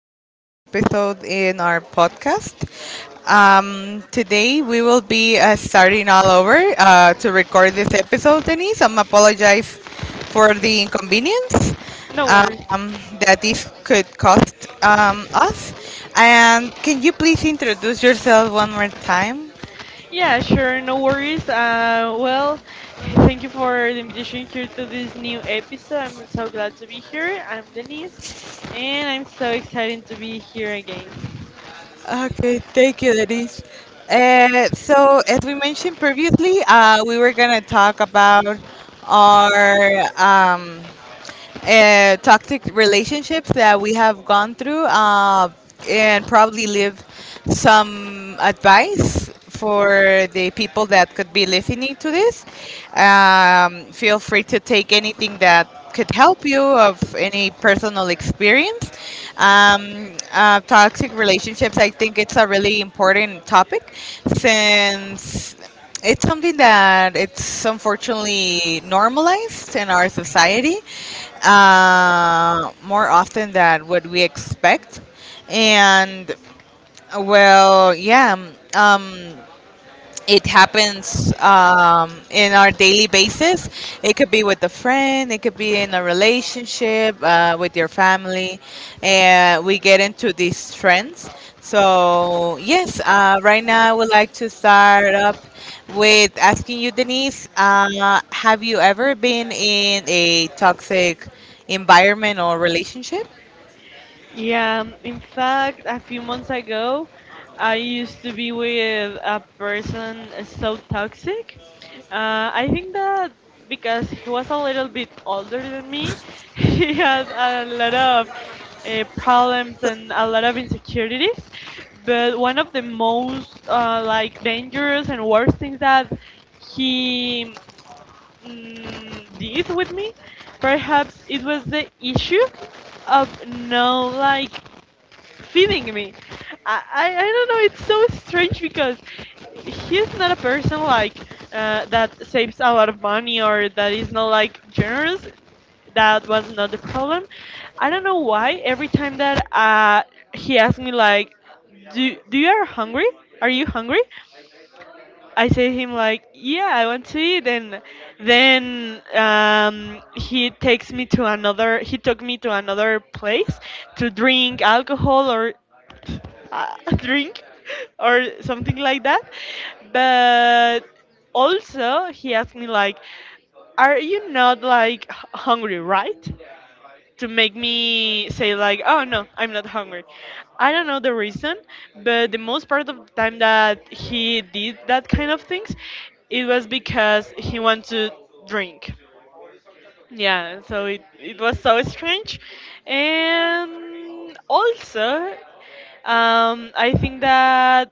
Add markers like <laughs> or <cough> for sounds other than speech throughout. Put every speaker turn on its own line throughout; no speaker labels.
another episode in our podcast. Today we will be starting all over to record this episode, Denise. I'm apologize for the inconvenience
No worries.
um, that this could cost us. And can you please introduce yourself one more time?
Yeah, sure, no worries. Thank you for the invitation here to this new episode. I'm so glad to be here. I'm Denise, and I'm so excited to be here again.
Okay, thank you, Denise. So, as we mentioned previously, we were going to talk about our toxic relationships that we have gone through and probably leave some advice for the people that could be listening to this. Feel free to take anything that could help you of any personal experience. Toxic relationships, I think it's a really important topic since it's something that it's unfortunately normalized in our society more often than what we expect. And well, yeah. Um, it happens in our daily basis. It could be with a friend, it could be in a relationship, with your family, and we get into these trends. So, yes, right now I would like to start up with asking you, Denise, have you ever been in a toxic environment or relationship?
Yeah, in fact, a few months ago, I used to be with a person so toxic. I think that because he was a little bit older than me, <laughs> he had a lot of problems and a lot of insecurities. But one of the most like dangerous and worst things that he did with me, perhaps it was the issue of no like feeding me. I don't know. It's so strange because he's not a person like that saves a lot of money or that is not like generous, that was not the problem. I don't know why. Every time that he asked me like, "Do you are hungry? Are you hungry?" I say him like, "Yeah, I want to eat." And then he takes me to another. He took me to another place to drink alcohol or <laughs> drink or something like that. But also he asked me like, "Are you not like hungry, right?" to make me say like, "Oh, no, I'm not hungry." I don't know the reason, but the most part of the time that he did that kind of things, it was because he wanted to drink. Yeah, so it was so strange. And also, I think that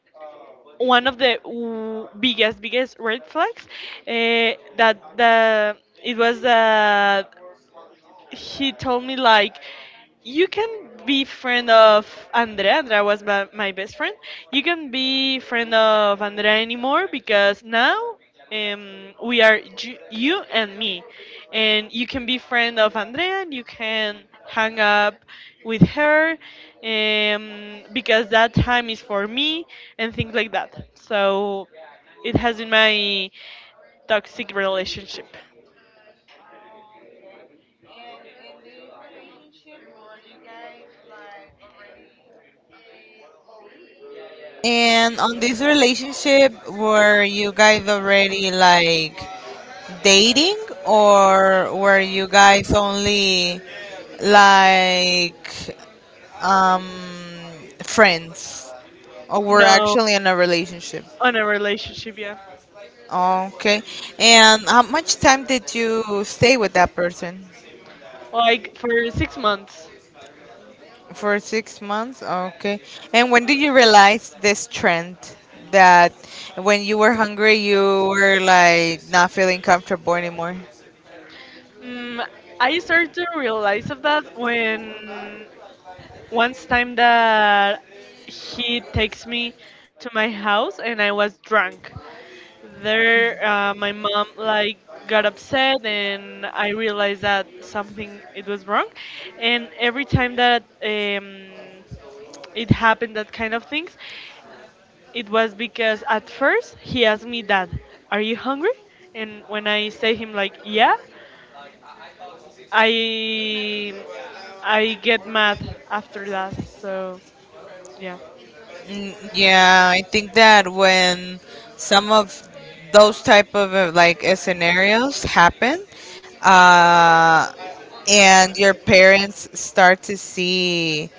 one of the biggest red flags that the it was that he told me like, "You can be friend of Andrea." Andrea was my best friend. "You can be friend of Andrea anymore, because now we are you and me, and you can be friend of Andrea. And you can hang up with her, because that time is for me," and things like that. So it has been my toxic relationship.
And on this relationship, were you guys already like dating or were you guys only like friends or were
No,
actually in a relationship?
on a relationship, yeah.
Okay. And how much time did you stay with that person?
Like for 6 months.
For 6 months? Okay. And when did you realize this trend that when you were hungry, you were like not feeling comfortable anymore?
Mm, I started to realize of that when once time that he takes me to my house and I was drunk. There, my mom like got upset and I realized that something it was wrong. And every time that it happened, that kind of things, it was because at first he asked me that, "Are you hungry?" And when I say him like, "Yeah," I I get mad after that. So yeah,
Yeah, I think that when some of those type of scenarios happen, uh, and your parents start to see,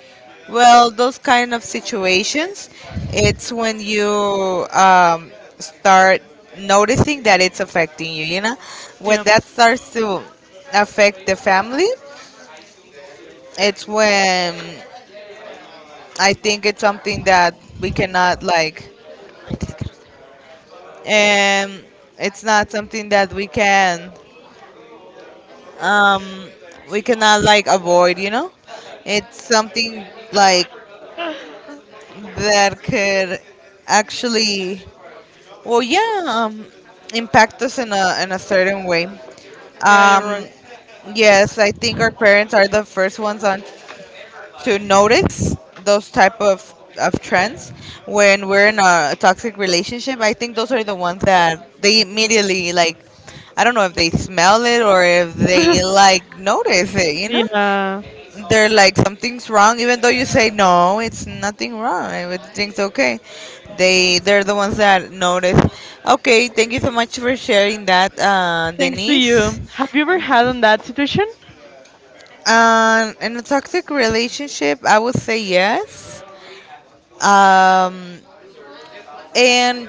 well, those kind of situations, it's when you start noticing that it's affecting you. You know, when
yeah,
that starts to affect the family, it's when I think it's something that we cannot like. Um, it's not something that we can um we cannot like avoid. You know, it's something like
<laughs>
that could actually, well, yeah, impact us in a certain way.
yeah. You're
Um,
right.
yes, I think our parents are the first ones on to notice those type of trends when we're in a toxic relationship. I think those are the ones that they immediately like. I don't know if they smell it or if they
<laughs>
like notice it. You know,
Yeah.
they're like something's wrong, even though you say no, it's nothing wrong. Everything's okay. They're the ones that notice. Okay, thank you so much for sharing that,
Thanks to
Denise.
you. Have you ever had on that situation?
In a toxic relationship, I would say yes. Um, and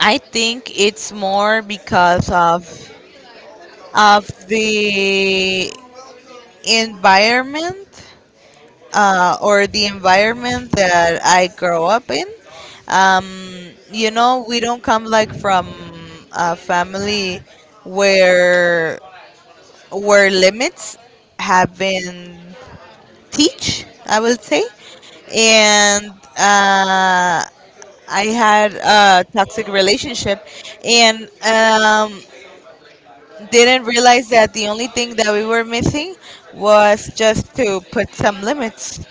I think it's more because of the environment or the environment that I grow up in. Um, you know, we don't come like from a family where where limits have been teach, I will say. And uh, I had a toxic relationship and didn't realize that the only thing that we were missing was just to put some limits.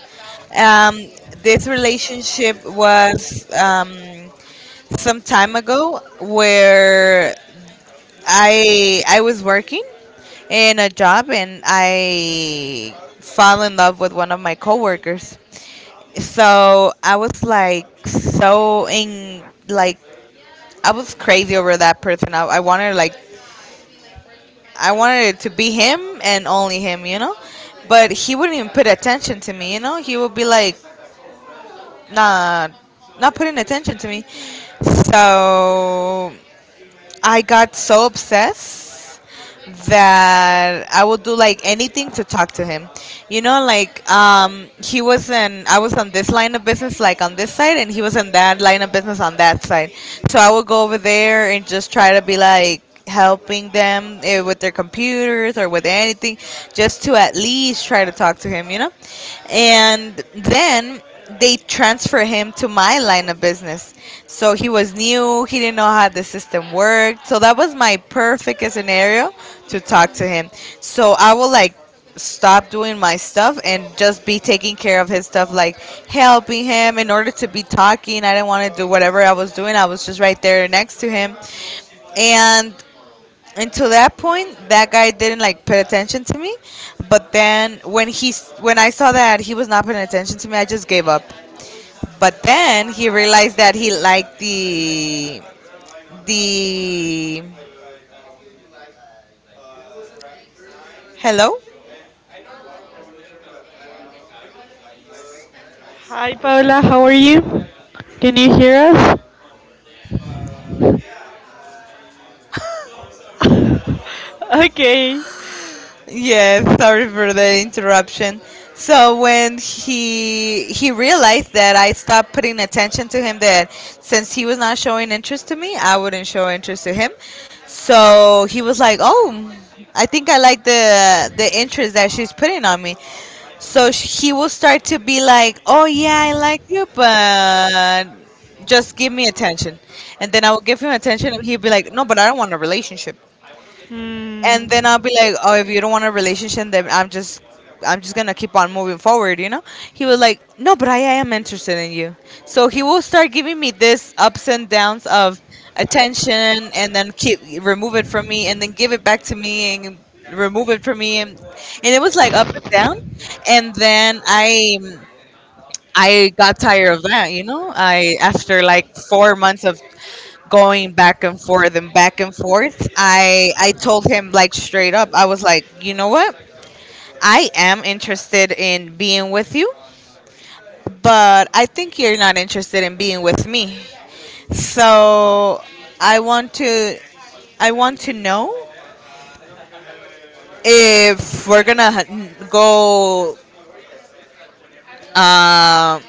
Um, this relationship was some time ago where I was working in a job and I fell in love with one of my coworkers. So I was like so in like I was crazy over that person. I wanted like I wanted it to be him and only him, you know? But he wouldn't even put attention to me, you know? He would be like, nah, not putting attention to me. So I got so obsessed that I would do like anything to talk to him. You know, like he was in, I was on this line of business, like on this side, and he was in that line of business on that side. So I would go over there and just try to be like, helping them with their computers or with anything just to at least try to talk to him, you know, and then they transfer him to my line of business, so he was new, he didn't know how the system worked, so that was my perfect scenario to talk to him, so I will like stop doing my stuff and just be taking care of his stuff, like helping him in order to be talking. I didn't want to do whatever I was doing. I was just right there next to him, and until that point that guy didn't like pay attention to me. But then when when I saw that he was not paying attention to me, I just gave up. But then he realized that he liked the hello.
Hi, Paola. How are you? Can you hear us? <laughs> Okay.
Yeah, sorry for the interruption. So when he realized that I stopped putting attention to him, that since he was not showing interest to me, I wouldn't show interest to him. So he was like, "Oh, I think I like the interest that she's putting on me." So he will start to be like, "Oh yeah, I like you, but just give me attention." And then I will give him attention, and he'll be like, "No, but I don't want a relationship." And
Hmm.
then I'll be like, "Oh, if you don't want a relationship, then I'm just gonna keep on moving forward," you know. He was like, "No, but I am interested in you." So he will start giving me this ups and downs of attention, and then keep remove it from me, and then give it back to me, and remove it from me, and it was like up and down. And then I got tired of that, you know? I after like 4 months of going back and forth and back and forth, I told him like straight up. I was like, "You know what? I am interested in being with you, but I think you're not interested in being with me. So, I want to I want to know if we're gonna go. Uh,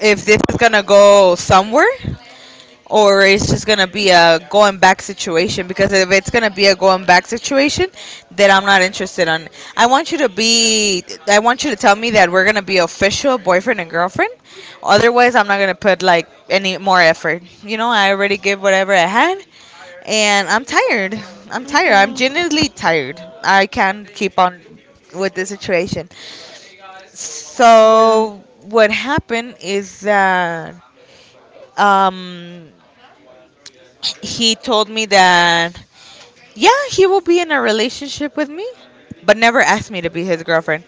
if this is gonna go somewhere, or it's just gonna be a going back situation, because if it's gonna be a going back situation then I'm not interested on I want you to be I want you to tell me that we're gonna be official boyfriend and girlfriend, otherwise I'm not gonna put like any more effort, you know, I already gave whatever I had and I'm tired, I'm tired, I'm genuinely
Mhm.
tired, I can't keep on with this situation. So what happened is that um he told me that, yeah, he will be in a relationship with me, but never asked me to be his girlfriend.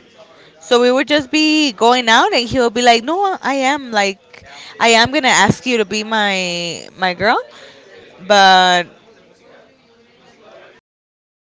So we would just be going out, and he'll be like, "No, I am like, I am gonna ask you to be my girl, but